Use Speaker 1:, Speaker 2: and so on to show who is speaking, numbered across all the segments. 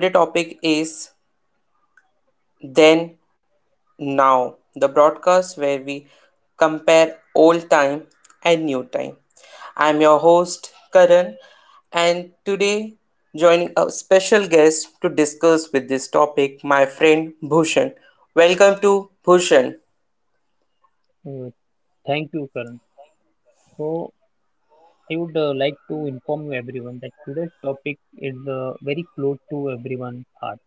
Speaker 1: Today topic is then now. The broadcast where we compare old time and new time. I'm your host Karan and today joining a special guest to discuss with this topic my friend Bhushan. Welcome to Bhushan.
Speaker 2: Uh, Thank you, Karan. So, I would like to inform you everyone that today's topic is very close to everyone's heart.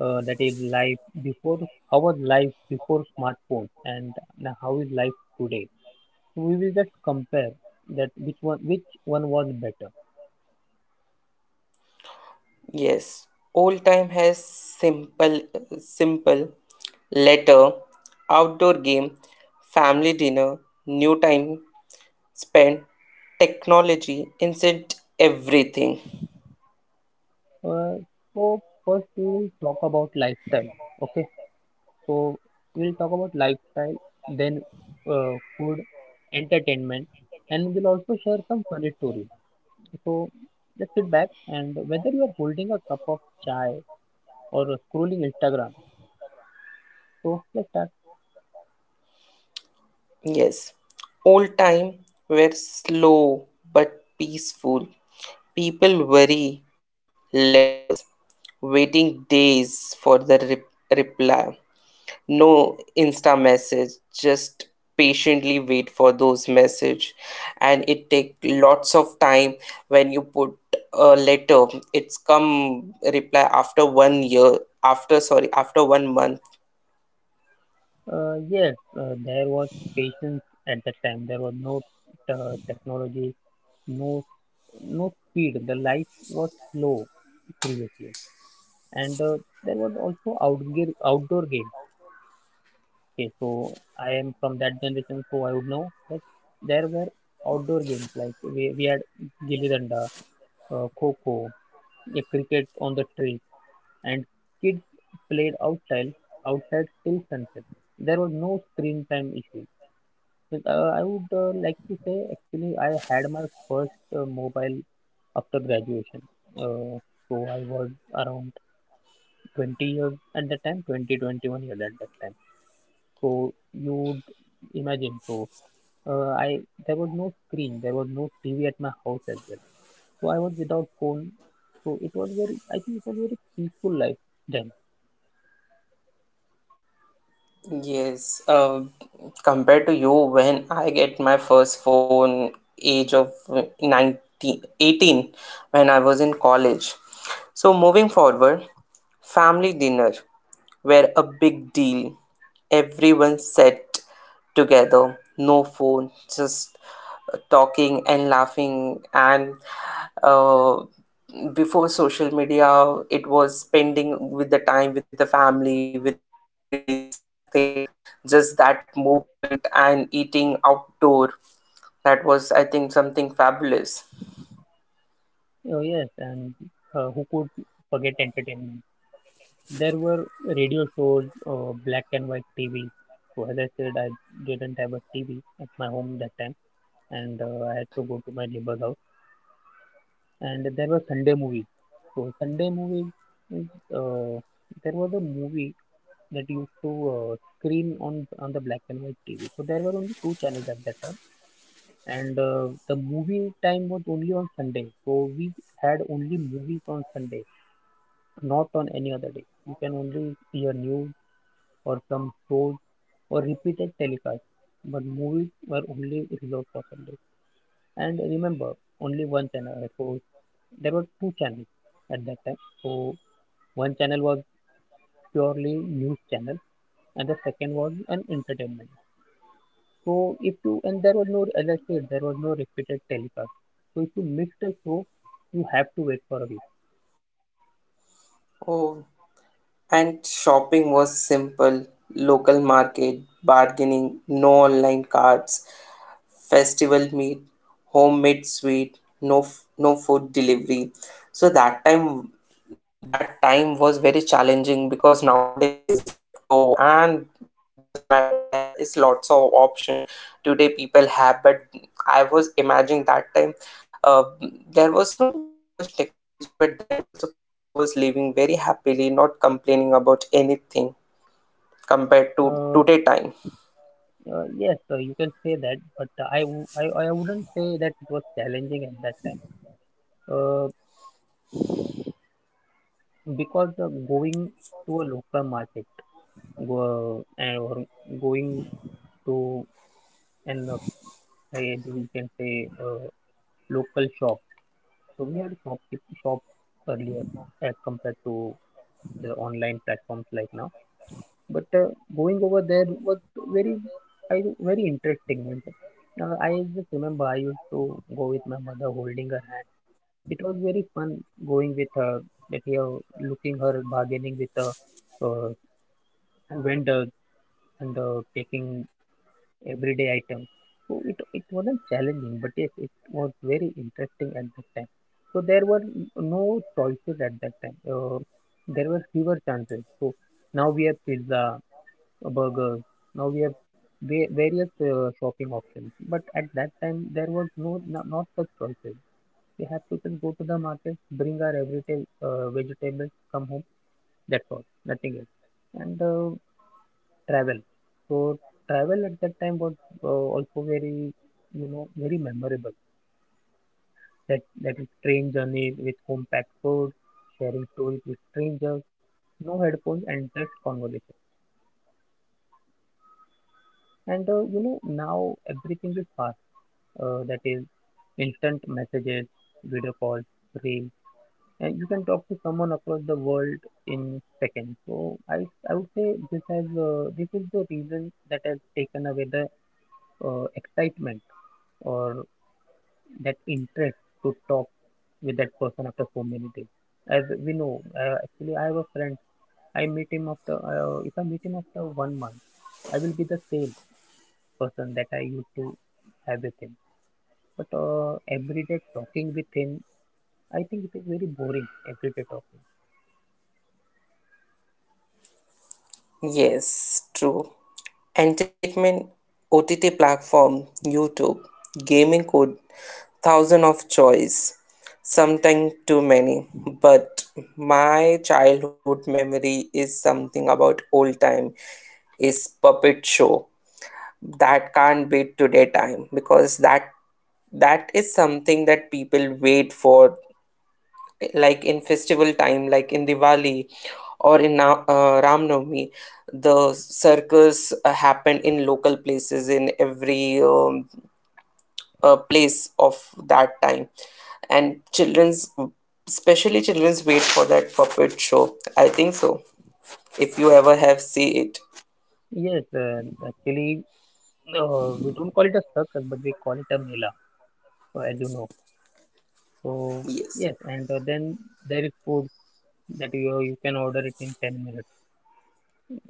Speaker 2: That is life before how was life before smartphones and now how is life today. So we will just compare that which one was better.
Speaker 1: Yes, old time has simple, simple letter, outdoor game, family dinner, new time spent, technology, instant everything.
Speaker 2: Uh, so first we will talk about lifestyle. Okay, so we'll talk about lifestyle, then food, entertainment, and we'll also share some funny stories. So let's sit back and whether you are holding a cup of chai or scrolling Instagram. So let's start.
Speaker 1: Yes, old time were slow but peaceful. People worry letters, waiting days for the reply. No Insta message, just patiently wait for those message and it take lots of time when you put a letter it's come reply after 1 year after sorry after 1 month.
Speaker 2: Yes, there was patience at that time. There was no technology, no no speed. The life was slow previously, and there was also outdoor games. Okay, so I am from that generation, so I would know that there were outdoor games like we had gilli danda, kho kho, a cricket on the tree, and kids played outside till sunset. There was no screen time issue. But, I would like to say actually I had my first mobile after graduation. Uh, so I was around 20 years at that time, 20, 21 years at that time. So you would imagine. So I there was no screen, there was no TV at my house as well. So I was without phone. So it was very, I think it was very peaceful life then.
Speaker 1: Yes, compared to you, when I get my first phone, age of 19, 18, when I was in college. So, moving forward, family dinner were a big deal. Everyone sat together. No phone, just talking and laughing. And uh, before social media, it was spending with the time with the family, with no reels, nothing, just that movement and eating outdoor. That was, I think, something fabulous.
Speaker 2: Oh, yes, and who could forget entertainment? There were radio shows, black and white TV. So, as I said, I didn't have a TV at my home that time, and I had to go to my neighbor's house. And there were Sunday movies. So, Sunday movies, means, there was a movie that used to screen on the black and white TV. So, there were only two channels at that time, and the movie time was only on Sunday. So, we had only movies on Sunday, not on any other day. You can only see a news or some shows or repeated telecast, but movies were only reserved for Sunday. And remember, only one channel. So there were two channels at that time. So one channel was purely news channel, and the second was an entertainment. So if you, and there was no, as I said, there was no repeated telecast. So if you missed a show, you have to wait for a week.
Speaker 1: Oh, and shopping was simple local market, bargaining, no online carts, festival meat, homemade sweet, no, no food delivery. So that time was very challenging because nowadays Zipto and Zomato there is lots of option today people have but I was imagining that time uh, there was not that much technology but then also people was living very happily not complaining about anything compared to
Speaker 2: Uh,
Speaker 1: today time.
Speaker 2: yes, you can say that, but I wouldn't say that it was challenging at that time. Uh, because going to a local market, go, and or going to an, you can say, local shop. So we had shop earlier as compared to the online platforms like now. But going over there was very, I, very interesting. Means, I just remember I used to go with my mother holding her hand. It was very fun going with her, that here looking her bargaining with the uh, vendor and taking everyday items. So it wasn't challenging, but yes, it was very interesting at that time. So there were no choices at that time. There were fewer chances. So now we have pizza, burgers. Now we have various shopping options. But at that time, there was not such choices. We have to just go to the market, bring our everyday vegetables, come home. That's all. Nothing else. And travel. So travel at that time was also very, you know, very memorable. That that is train journey with home packed food, sharing stories with strangers, no headphones, and just conversation. And you know, now everything is fast. That is instant messages, video calls, reels, you can talk to someone across the world in seconds. So I would say this has this is the reason that has taken away the excitement or that interest to talk with that person after so many days. As we know, actually, I have a friend. I meet him after if I meet him after 1 month, I will be the same person that I used to have with him. But every day talking with him, I think it is very boring. Every day talking.
Speaker 1: Yes, true. Entertainment, OTT platform, YouTube, gaming code, thousand of choice, sometimes too many. But my childhood memory is something about old time, is puppet show that can't beat today time because that is something that people wait for, like in festival time like in diwali or in ram Navami, the circus happened in local places in every place of that time and children's, especially children's wait for that puppet show, I think so, if you ever have see it.
Speaker 2: Yes, actually, we don't call it a circus, but we call it a mela, so as you know. So
Speaker 1: Yes.
Speaker 2: yes, and then there is food that you can order it in 10 minutes.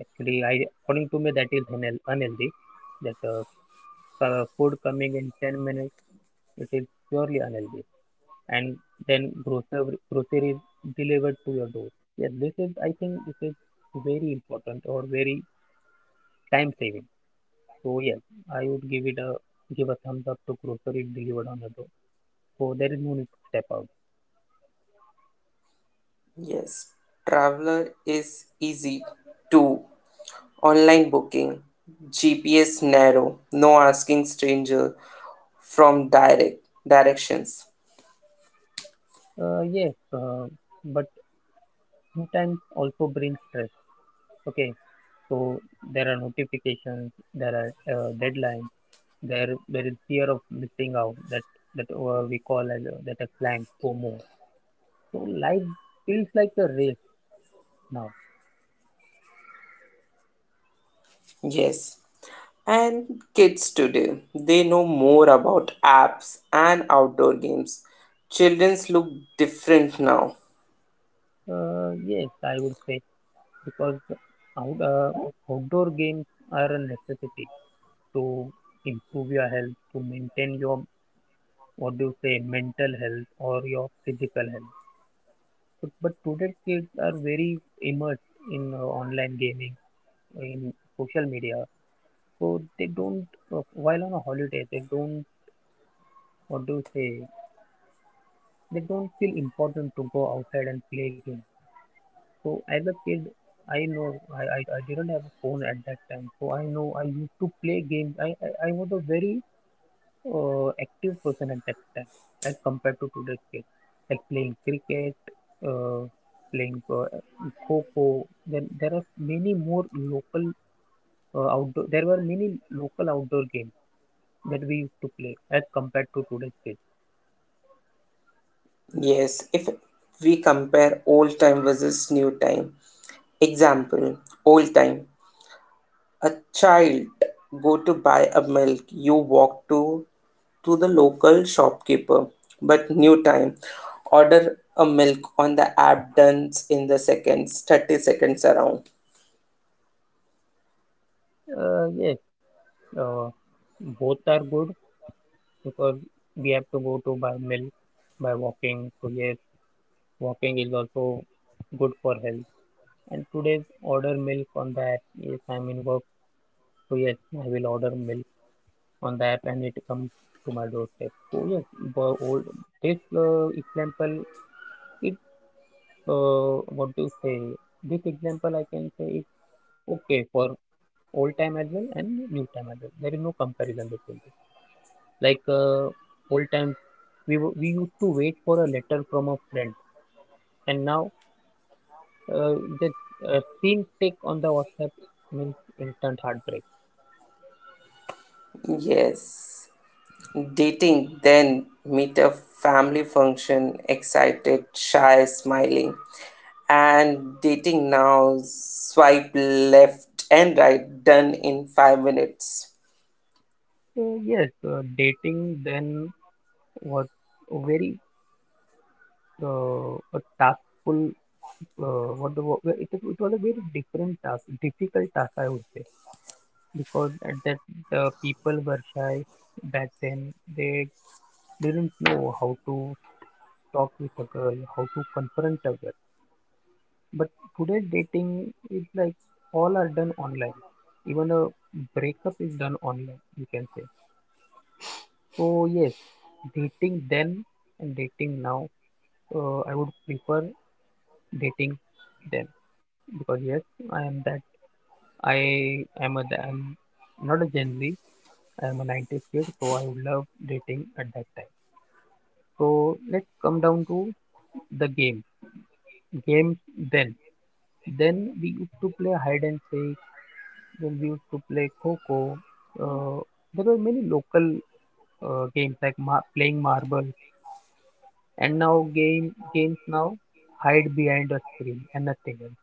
Speaker 2: Actually, I According to me that is unhealthy. That food coming in 10 minutes, it is purely unhealthy. And then grocery groceries delivered to your door. Yes, this is I think this is very important or very time saving. So yes, I would give a thumbs up to grocery delivered on your door. So there is no need to step out.
Speaker 1: Yes, traveler is easy to online booking, GPS narrow, no asking stranger from directions.
Speaker 2: Yes, but sometimes also brings stress. Okay, so there are notifications, there are deadlines, there is fear of missing out, that we call as that a slang FOMO. So life feels like a race now.
Speaker 1: Yes. And kids today, they know more about apps and outdoor games. Children's look different now.
Speaker 2: Yes, I would say because out, uh, outdoor games are a necessity to improve your health, to maintain your, what do you say, mental health or your physical health. But today's kids are very immersed in online gaming, in social media. So they don't, while on a holiday, they don't, what do you say, they don't feel important to go outside and play games. So as a kid, I know I didn't have a phone at that time. So I know I used to play games. I was a very active person at that time as compared to today's kids, like playing cricket, uh, playing kho. Then there are many more local outdoor. There were many local outdoor games that we used to play as compared to today's kids.
Speaker 1: Yes, if we compare old time versus new time. Example, old time a child go to buy a milk you walk to the local shopkeeper but new time order a milk on the app done in the seconds, 30 seconds around.
Speaker 2: Yes, uh, both are good because we have to go to buy milk by walking. So yes, walking is also good for health. And today's order milk on that. Yes, I'm in work. So yes, I will order milk on the app and it comes to my doorstep. So yes, the old this example is, what do you say? This example I can say is okay for old time as well and new time as well. There is no comparison between this. Like old time, we used to wait for a letter from a friend, and now uh, the same tick on the WhatsApp means instant heartbreak.
Speaker 1: Yes, dating then meet a family function, excited shy smiling, and dating now swipe left and right done in 5 minutes.
Speaker 2: So yes, dating then was a very a taskful, what the wo- it, is- it was a very different task, difficult task I would say, because at that the people were shy back then. They didn't know how to talk with a girl, how to confront a girl. But today dating is like all are done online. Even a breakup is done online, you can say. So yes, dating then and dating now, I would prefer dating then because yes, I am that I'm not a Gen Z. I am a 90s kid, so I would love dating at that time. So let's come down to the game. Games then. Then we used to play hide and seek. Then we used to play kho kho. Uh, there were many local games like playing marble. And now games now hide behind a screen and nothing else.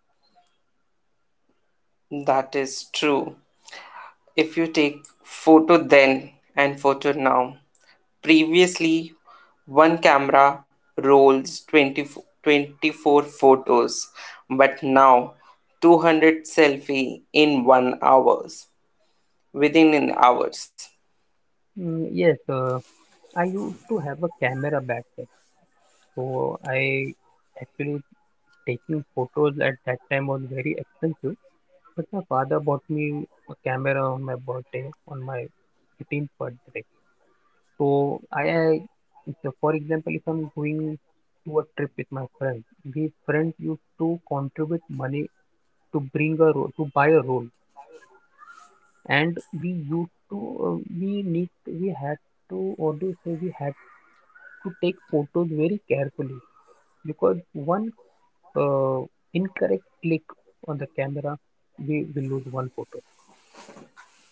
Speaker 1: That is true, if you take photo then and photo now, previously one camera rolls 20, 24 photos but now 200 selfie in 1 hours, within an hours.
Speaker 2: Mm, yes, I used to have a camera back then, so I actually taking photos at that time was very expensive. But my father bought me a camera on my birthday, on my 18th birthday. So I, I so for example, if I'm going to a trip with my friends, we friends used to contribute money to bring a roll, to buy a roll, and we used to, we had to, or do you say we had to take photos very carefully because one uh, incorrect click on the camera, we will lose one photo.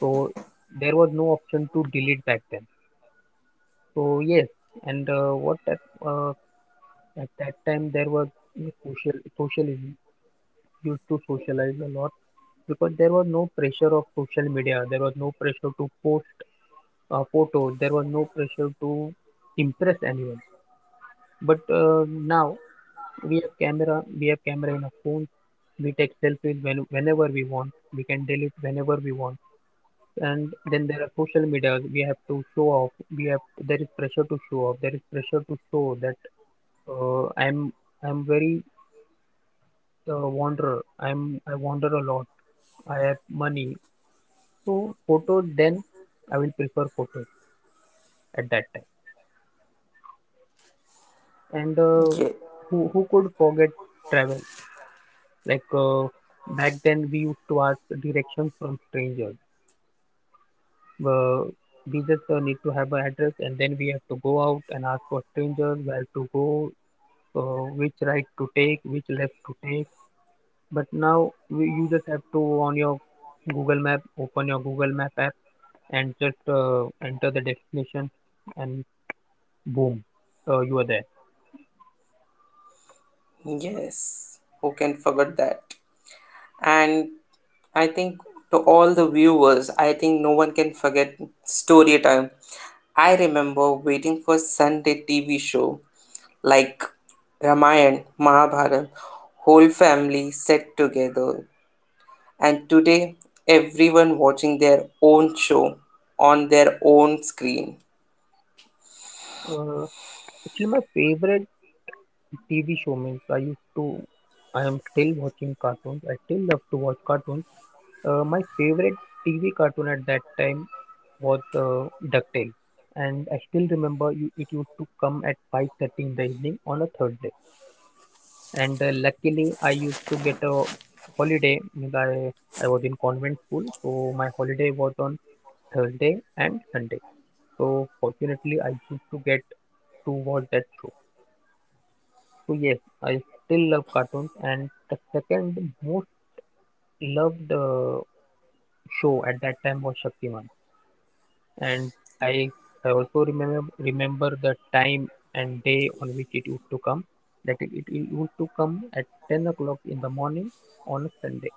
Speaker 2: So there was no option to delete back then. So yes, and what that uh, at that time there was no social social used to socialize a lot because there was no pressure of social media. There was no pressure to post a photo. There was no pressure to impress anyone. But now we have camera. We have camera in a phone. We take selfies when, whenever we want. We can delete whenever we want, and then there are social media. We have to show off, we have, there is pressure to show off, there is pressure to show that uh, i'm I'm very wanderer. I wander a lot. I have money. So photo, then I will prefer photos at that time. and uh,
Speaker 1: Ye-
Speaker 2: who who could forget travel? Like, back then we used to ask directions from strangers. Uh, we just need to have an address, and then we have to go out and ask for strangers where to go. Which right to take, which left to take. But now we, you just have to on your Google Map, open your Google Map app, and just enter the destination, and boom, you are there.
Speaker 1: yes, who can forget that, and I think to all the viewers I think no one can forget story time. I remember waiting for sunday TV show like Ramayana, Mahabharata, whole family sat together. And today, everyone watching their own show on their own screen.
Speaker 2: Uh, actually, my favorite TV show, means I used to. I am still watching cartoons. I still love to watch cartoons. My favorite TV cartoon at that time was DuckTales, and I still remember, you, it used to come at 5:30 in the evening on a Thursday. And luckily I used to get a holiday, means I was in convent school, so my holiday was on Thursday and Sunday, so fortunately I used to get to watch that show. So yes, I still love cartoons, and the second most loved show at that time was Shaktiman. And i I also remember the time and day on which it used to come, that it used to come at 10 o'clock in the morning on a Sunday.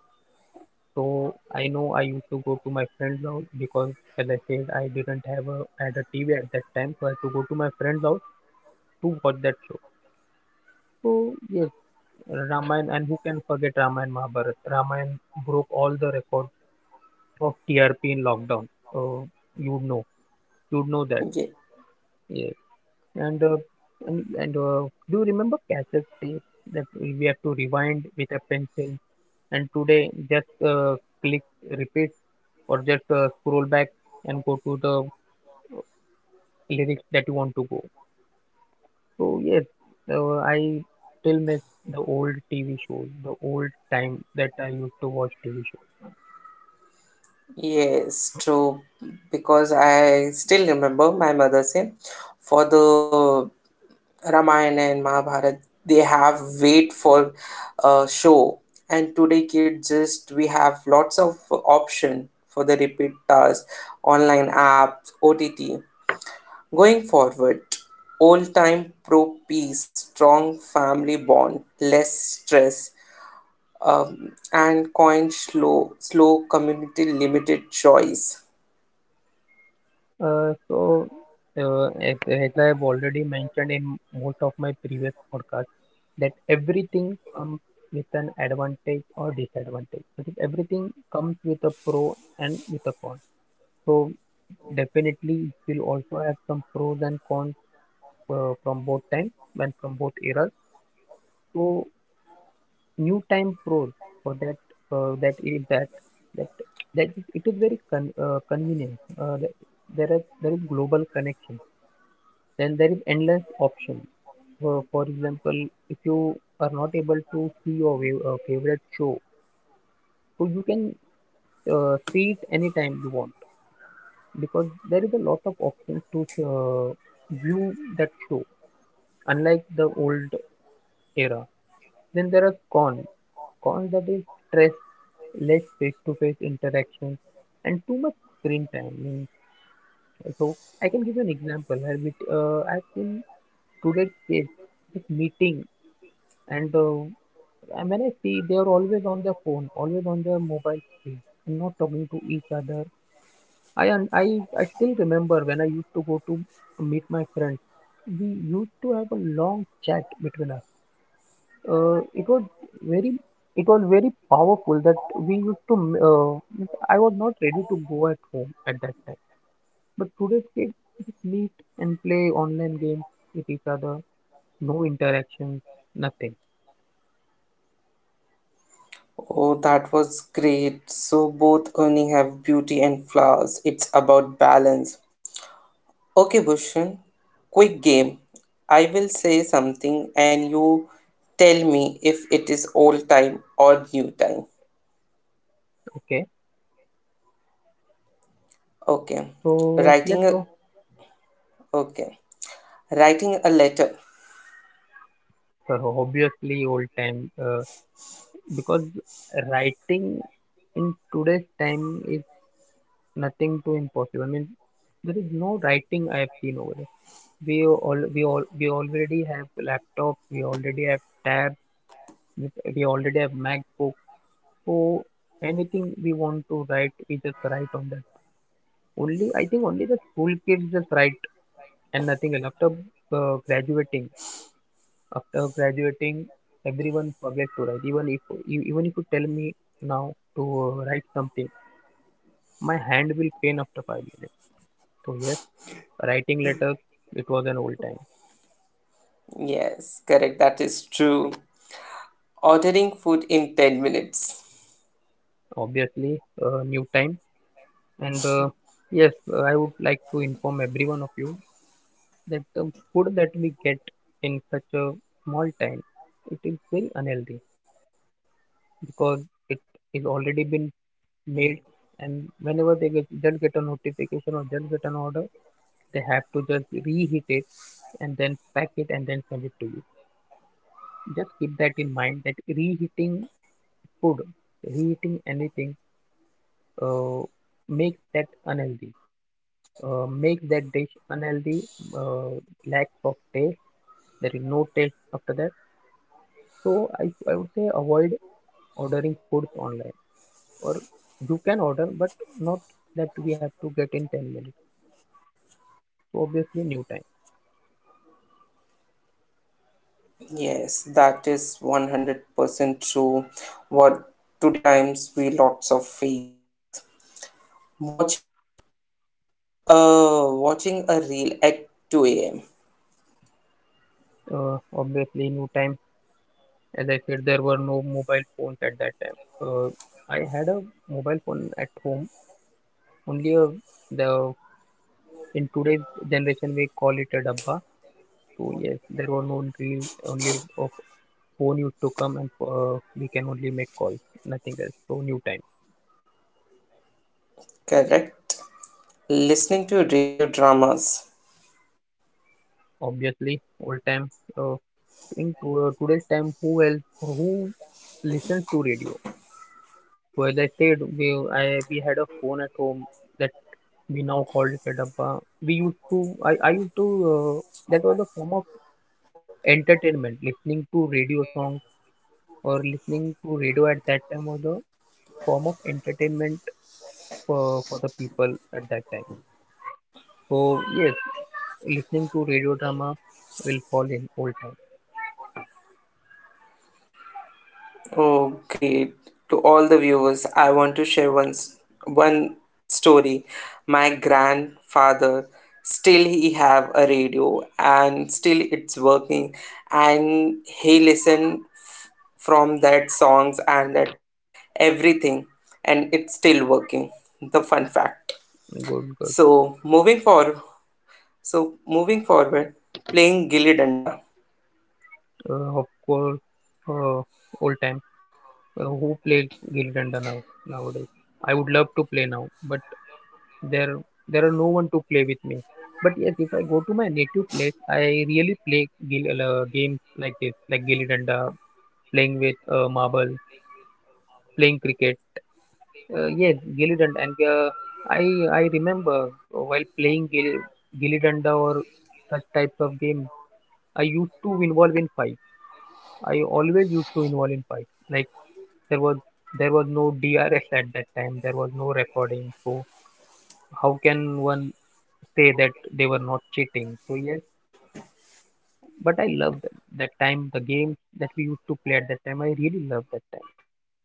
Speaker 2: So I know I used to go to my friend's house because, as I said, I didn't have a had a TV at that time, so I had to go to my friend's house to watch that show. So yes, Ramayana, and who can forget Ramayana Mahabharat? Ramayana broke all the records of TRP in lockdown. Uh, you'd know, you'd know that.
Speaker 1: Ye-
Speaker 2: Yes, and uh, and do you remember cassette tape that we have to rewind with a pencil? And today, just click repeat, or just scroll back and go to the lyrics that you want to go. So yes, I still miss the old TV shows, the old time that I used to watch TV shows.
Speaker 1: yes, true. Because I still remember my mother saying, for the Ramayana and Mahabharata, they have wait for a show. And today, kids, just we have lots of option for the repeat task, online apps, OTT. Going forward, old time pro peace, strong family bond, less stress, and coin slow, slow community limited choice.
Speaker 2: So, as I have already mentioned in most of my previous podcasts, that everything comes with an advantage or disadvantage. Because everything comes with a pro and with a con. So definitely it will also have some pros and cons from both times and from both eras. So new time pro, for that that is that that that is, it is very convenient. There is global connection, then there is endless option. For example, if you are not able to see your favorite show, so you can see it anytime you want, because there is a lot of options to view that show, unlike the old era. Then there are con, that is stress, less face-to-face interaction, and too much screen time. So I can give you an example with I've seen today's kids just meeting, and uh, and when I see, they are always on their phone, always on their mobile screen, and not talking to each other. I still remember when I used to go to meet my friends. We used to have a long chat between us. Uh, it was very it was very powerful that we used to means I was not ready to go at home at that time. But today's kids meet and play online games with each other, no interaction, nothing.
Speaker 1: Oh, that was great. So, both earning have beauty and flaws. It's about balance. Okay, Bhushan, quick game. I will say something and you tell me if it is old time or new time.
Speaker 2: Okay,
Speaker 1: Okay.
Speaker 2: so let's
Speaker 1: Writing a
Speaker 2: go.
Speaker 1: okay. Writing a letter.
Speaker 2: So obviously old time, because writing in today's time is nothing too impossible. I mean, there is no writing I have seen over there. We all we all we already have laptop, we already have tab, we already have MacBook. So anything we want to write, we just write on that. Only I think only the school kids just write, and nothing else. Uh, graduating, After graduating, everyone forget to write. Even if you tell me now to write something, my hand will pain after 5 minutes. So yes, writing letters, it was an old time.
Speaker 1: Yes, correct. That is true. Ordering food in 10 minutes.
Speaker 2: Obviously new time. And uh, yes, uh, I would like to inform every one of you that the food that we get in such a small time, it is very unhealthy, because it is already been made, and whenever they get just get a notification or just get an order, they have to just reheat it, and then pack it, and then send it to you. Just keep that in mind that reheating food, reheating anything, uh, makes that dish unhealthy, uh, lack of taste, there is no taste after that. So I would say avoid ordering foods online, or you can order, but not that we have to get in 10 minutes. So obviously new time.
Speaker 1: Yes, that is 100% true. What today times we lots of face. Watching watching a reel at 2 a.m.
Speaker 2: Obviously new time. As I said, there were no mobile phones at that time. uh, I had a mobile phone at home, only a, the, in today's generation we call it a dabba. So yes, there were no real, only a phone used to come, and we can only make calls, nothing else. So new time.
Speaker 1: Correct. Listening to radio dramas.
Speaker 2: Obviously old time. uh, today's time, who listens to radio? So as I said, we had a phone at home that we now called it a dabba. We used to, I used to, uh, that was a form of entertainment. Listening to radio songs, or listening to radio at that time, was a form of entertainment for the people at that time. So yes, listening to radio drama will fall in old time.
Speaker 1: Oh, great. To all the viewers, I want to share one, one story. My grandfather, still he have a radio and still it's working and he listen from that songs and that everything and it's still working. The fun fact.
Speaker 2: Good, good.
Speaker 1: So moving forward, so moving forward, playing gilli danda.
Speaker 2: Of course, uh, old time. Well, who play Gilli Danda nowadays? I would love to play now, but there there are no one to play with me. But yes, if I go to my native place, I really play games like this, like Gilli Danda, playing with marble, playing cricket. Yes, Gilli Danda, and uh, I I remember while playing Gilli Danda or such types of game, I used to involve in fight. I always used to involve in fight, like, There was there was no DRS at that time. There was no recording. So how can one say that they were not cheating? So yes, but I loved that time. The games that we used to play at that time, I really loved that time.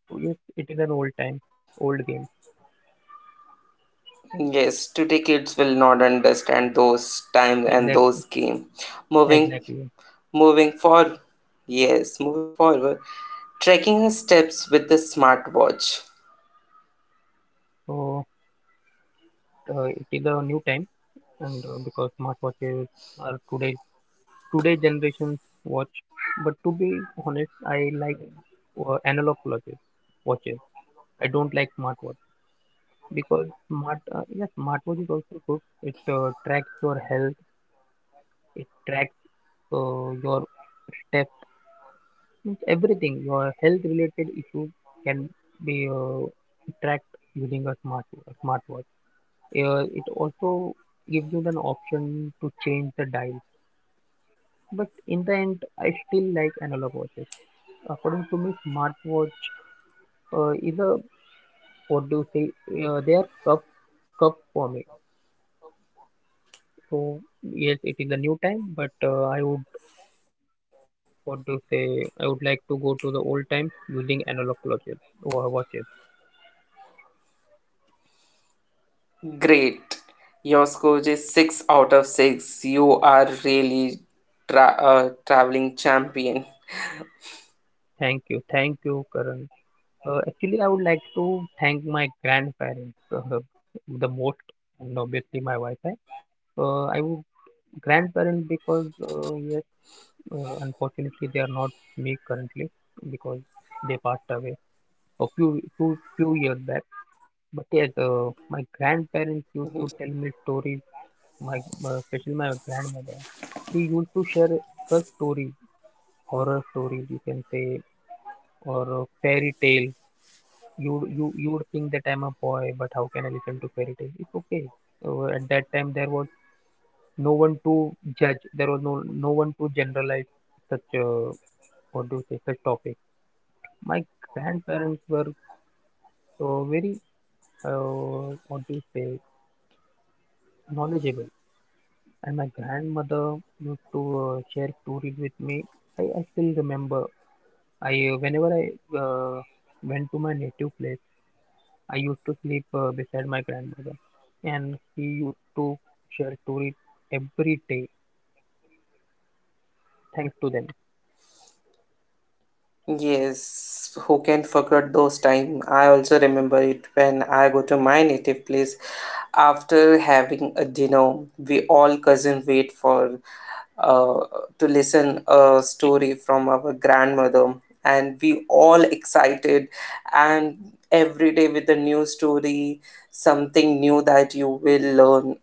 Speaker 2: So yes, it is an old time, old game.
Speaker 1: Yes, today kids will not understand those times and
Speaker 2: Exactly,
Speaker 1: those game. Moving,
Speaker 2: exactly.
Speaker 1: moving forward. Yes, moving forward. Tracking her steps with the smartwatch.
Speaker 2: So it is a new time, and because smartwatches are today generation's watch. But to be honest, I like analog watches. Watches. I don't like smartwatch, because smart yes, smartwatch is also good. It tracks your health, it tracks your steps, means everything, your health related issues can be tracked using a smartwatch. It also gives you an option to change the dial, but in the end I still like analog watches. According to me, smartwatch is a, what do you say, they are cup cup for me. So yes, it is a new time, but I would, what do say? I would like to go to the old time using analog watches. Watches.
Speaker 1: Great. Your score is 6 out of 6. You are really traveling champion.
Speaker 2: Thank you, Karan. Actually, I would like to thank my grandparents the most, and obviously my wife. Eh. I would, grandparents, because yes, unfortunately they are not with me currently, because they passed away a few few years
Speaker 1: So,
Speaker 2: back. But yes, my grandparents
Speaker 1: so.
Speaker 2: used to tell me stories. My Especially my grandmother, she used to share her story, horror stories you can say, or a fairy tale. You you you would think that I'm a boy, but how can I listen to fairy tale, it's okay. At that time there was no one to judge, there was no one to generalize such, what do you say, such topics. My grandparents were very, what do you say, knowledgeable. And my grandmother used to share stories with me. I still remember, I whenever I uh, went to my native place, I used to sleep beside my grandmother, and he used to share stories every day. Thanks to them.
Speaker 1: Yes, who can forget those time? I also remember it when I go to my native place after having a dinner. We all cousin wait for uh, to listen a story from our grandmother, and we all excited and every day with a new story, something new that you will learn,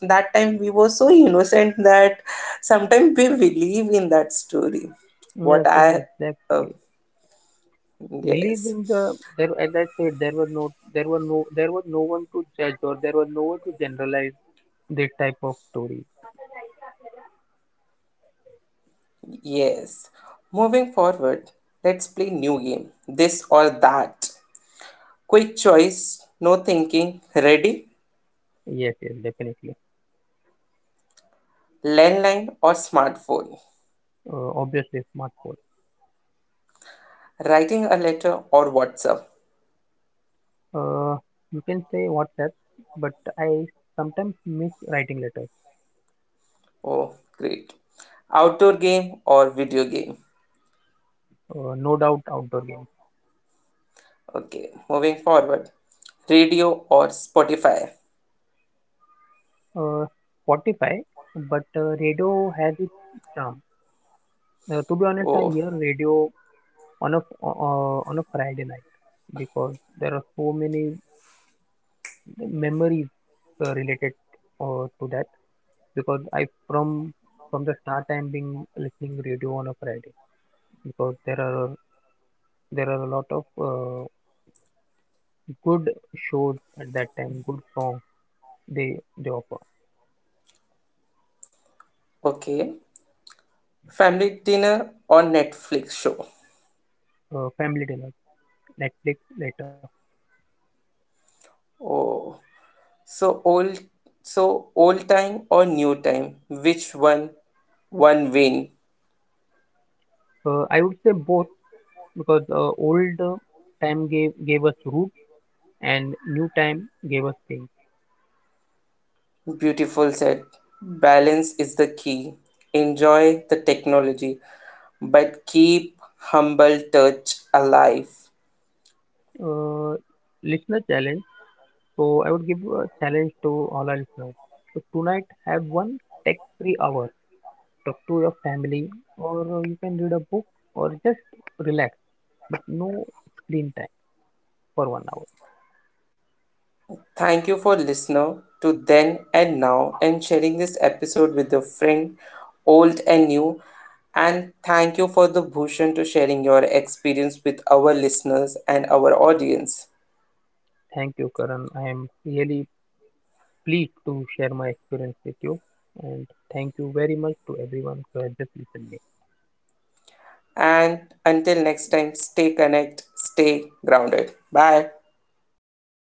Speaker 1: that time we were so innocent that sometimes we believe in that story. What
Speaker 2: Yes, yes,
Speaker 1: I uh,
Speaker 2: exactly. Believe
Speaker 1: yes,
Speaker 2: in the there. As I said, there was no one to judge, or there was no one to generalize this type of story.
Speaker 1: yes, moving forward, let's play new game, this or that, quick choice, no thinking, ready.
Speaker 2: Yes, yes, definitely.
Speaker 1: Landline or smartphone?
Speaker 2: Obviously, smartphone.
Speaker 1: Writing a letter or whatsapp?
Speaker 2: Uh, you can say WhatsApp, but I sometimes miss writing letters.
Speaker 1: Oh, great. Outdoor game or video game?
Speaker 2: No doubt, outdoor games.
Speaker 1: Okay, moving forward. Radio or spotify?
Speaker 2: Uh, Spotify, but radio has its charm. To be honest, I hear
Speaker 1: Oh,
Speaker 2: radio on a Friday night, because there are so many memories related to that. Because I from the start I'm been listening radio on a Friday, because there are a lot of uh, good shows at that time, good songs they offer.
Speaker 1: okay. Family dinner or Netflix show?
Speaker 2: Family Dinner, Netflix later.
Speaker 1: Oh. So old so old time or new time? Which one? One win.
Speaker 2: I would say both, because old time gave us roots, and new time gave us things.
Speaker 1: Beautiful said. Balance is the key. Enjoy the technology, but keep humble touch alive.
Speaker 2: uh, Listener challenge. So I would give a challenge to all our listeners. So tonight have one tech-free hour. Talk to your family, or you can read a book, or just relax. But no screen time for 1 hour.
Speaker 1: Thank you for listening to then and now and sharing this episode with your friend, old and new. And thank you for the Bhushan to sharing your experience with our listeners and our audience.
Speaker 2: Thank you, Karan. I am really pleased to share my experience with you, and thank you very much to everyone who has just listened me.
Speaker 1: And until next time, stay connected, stay grounded. Bye.
Speaker 2: Bye,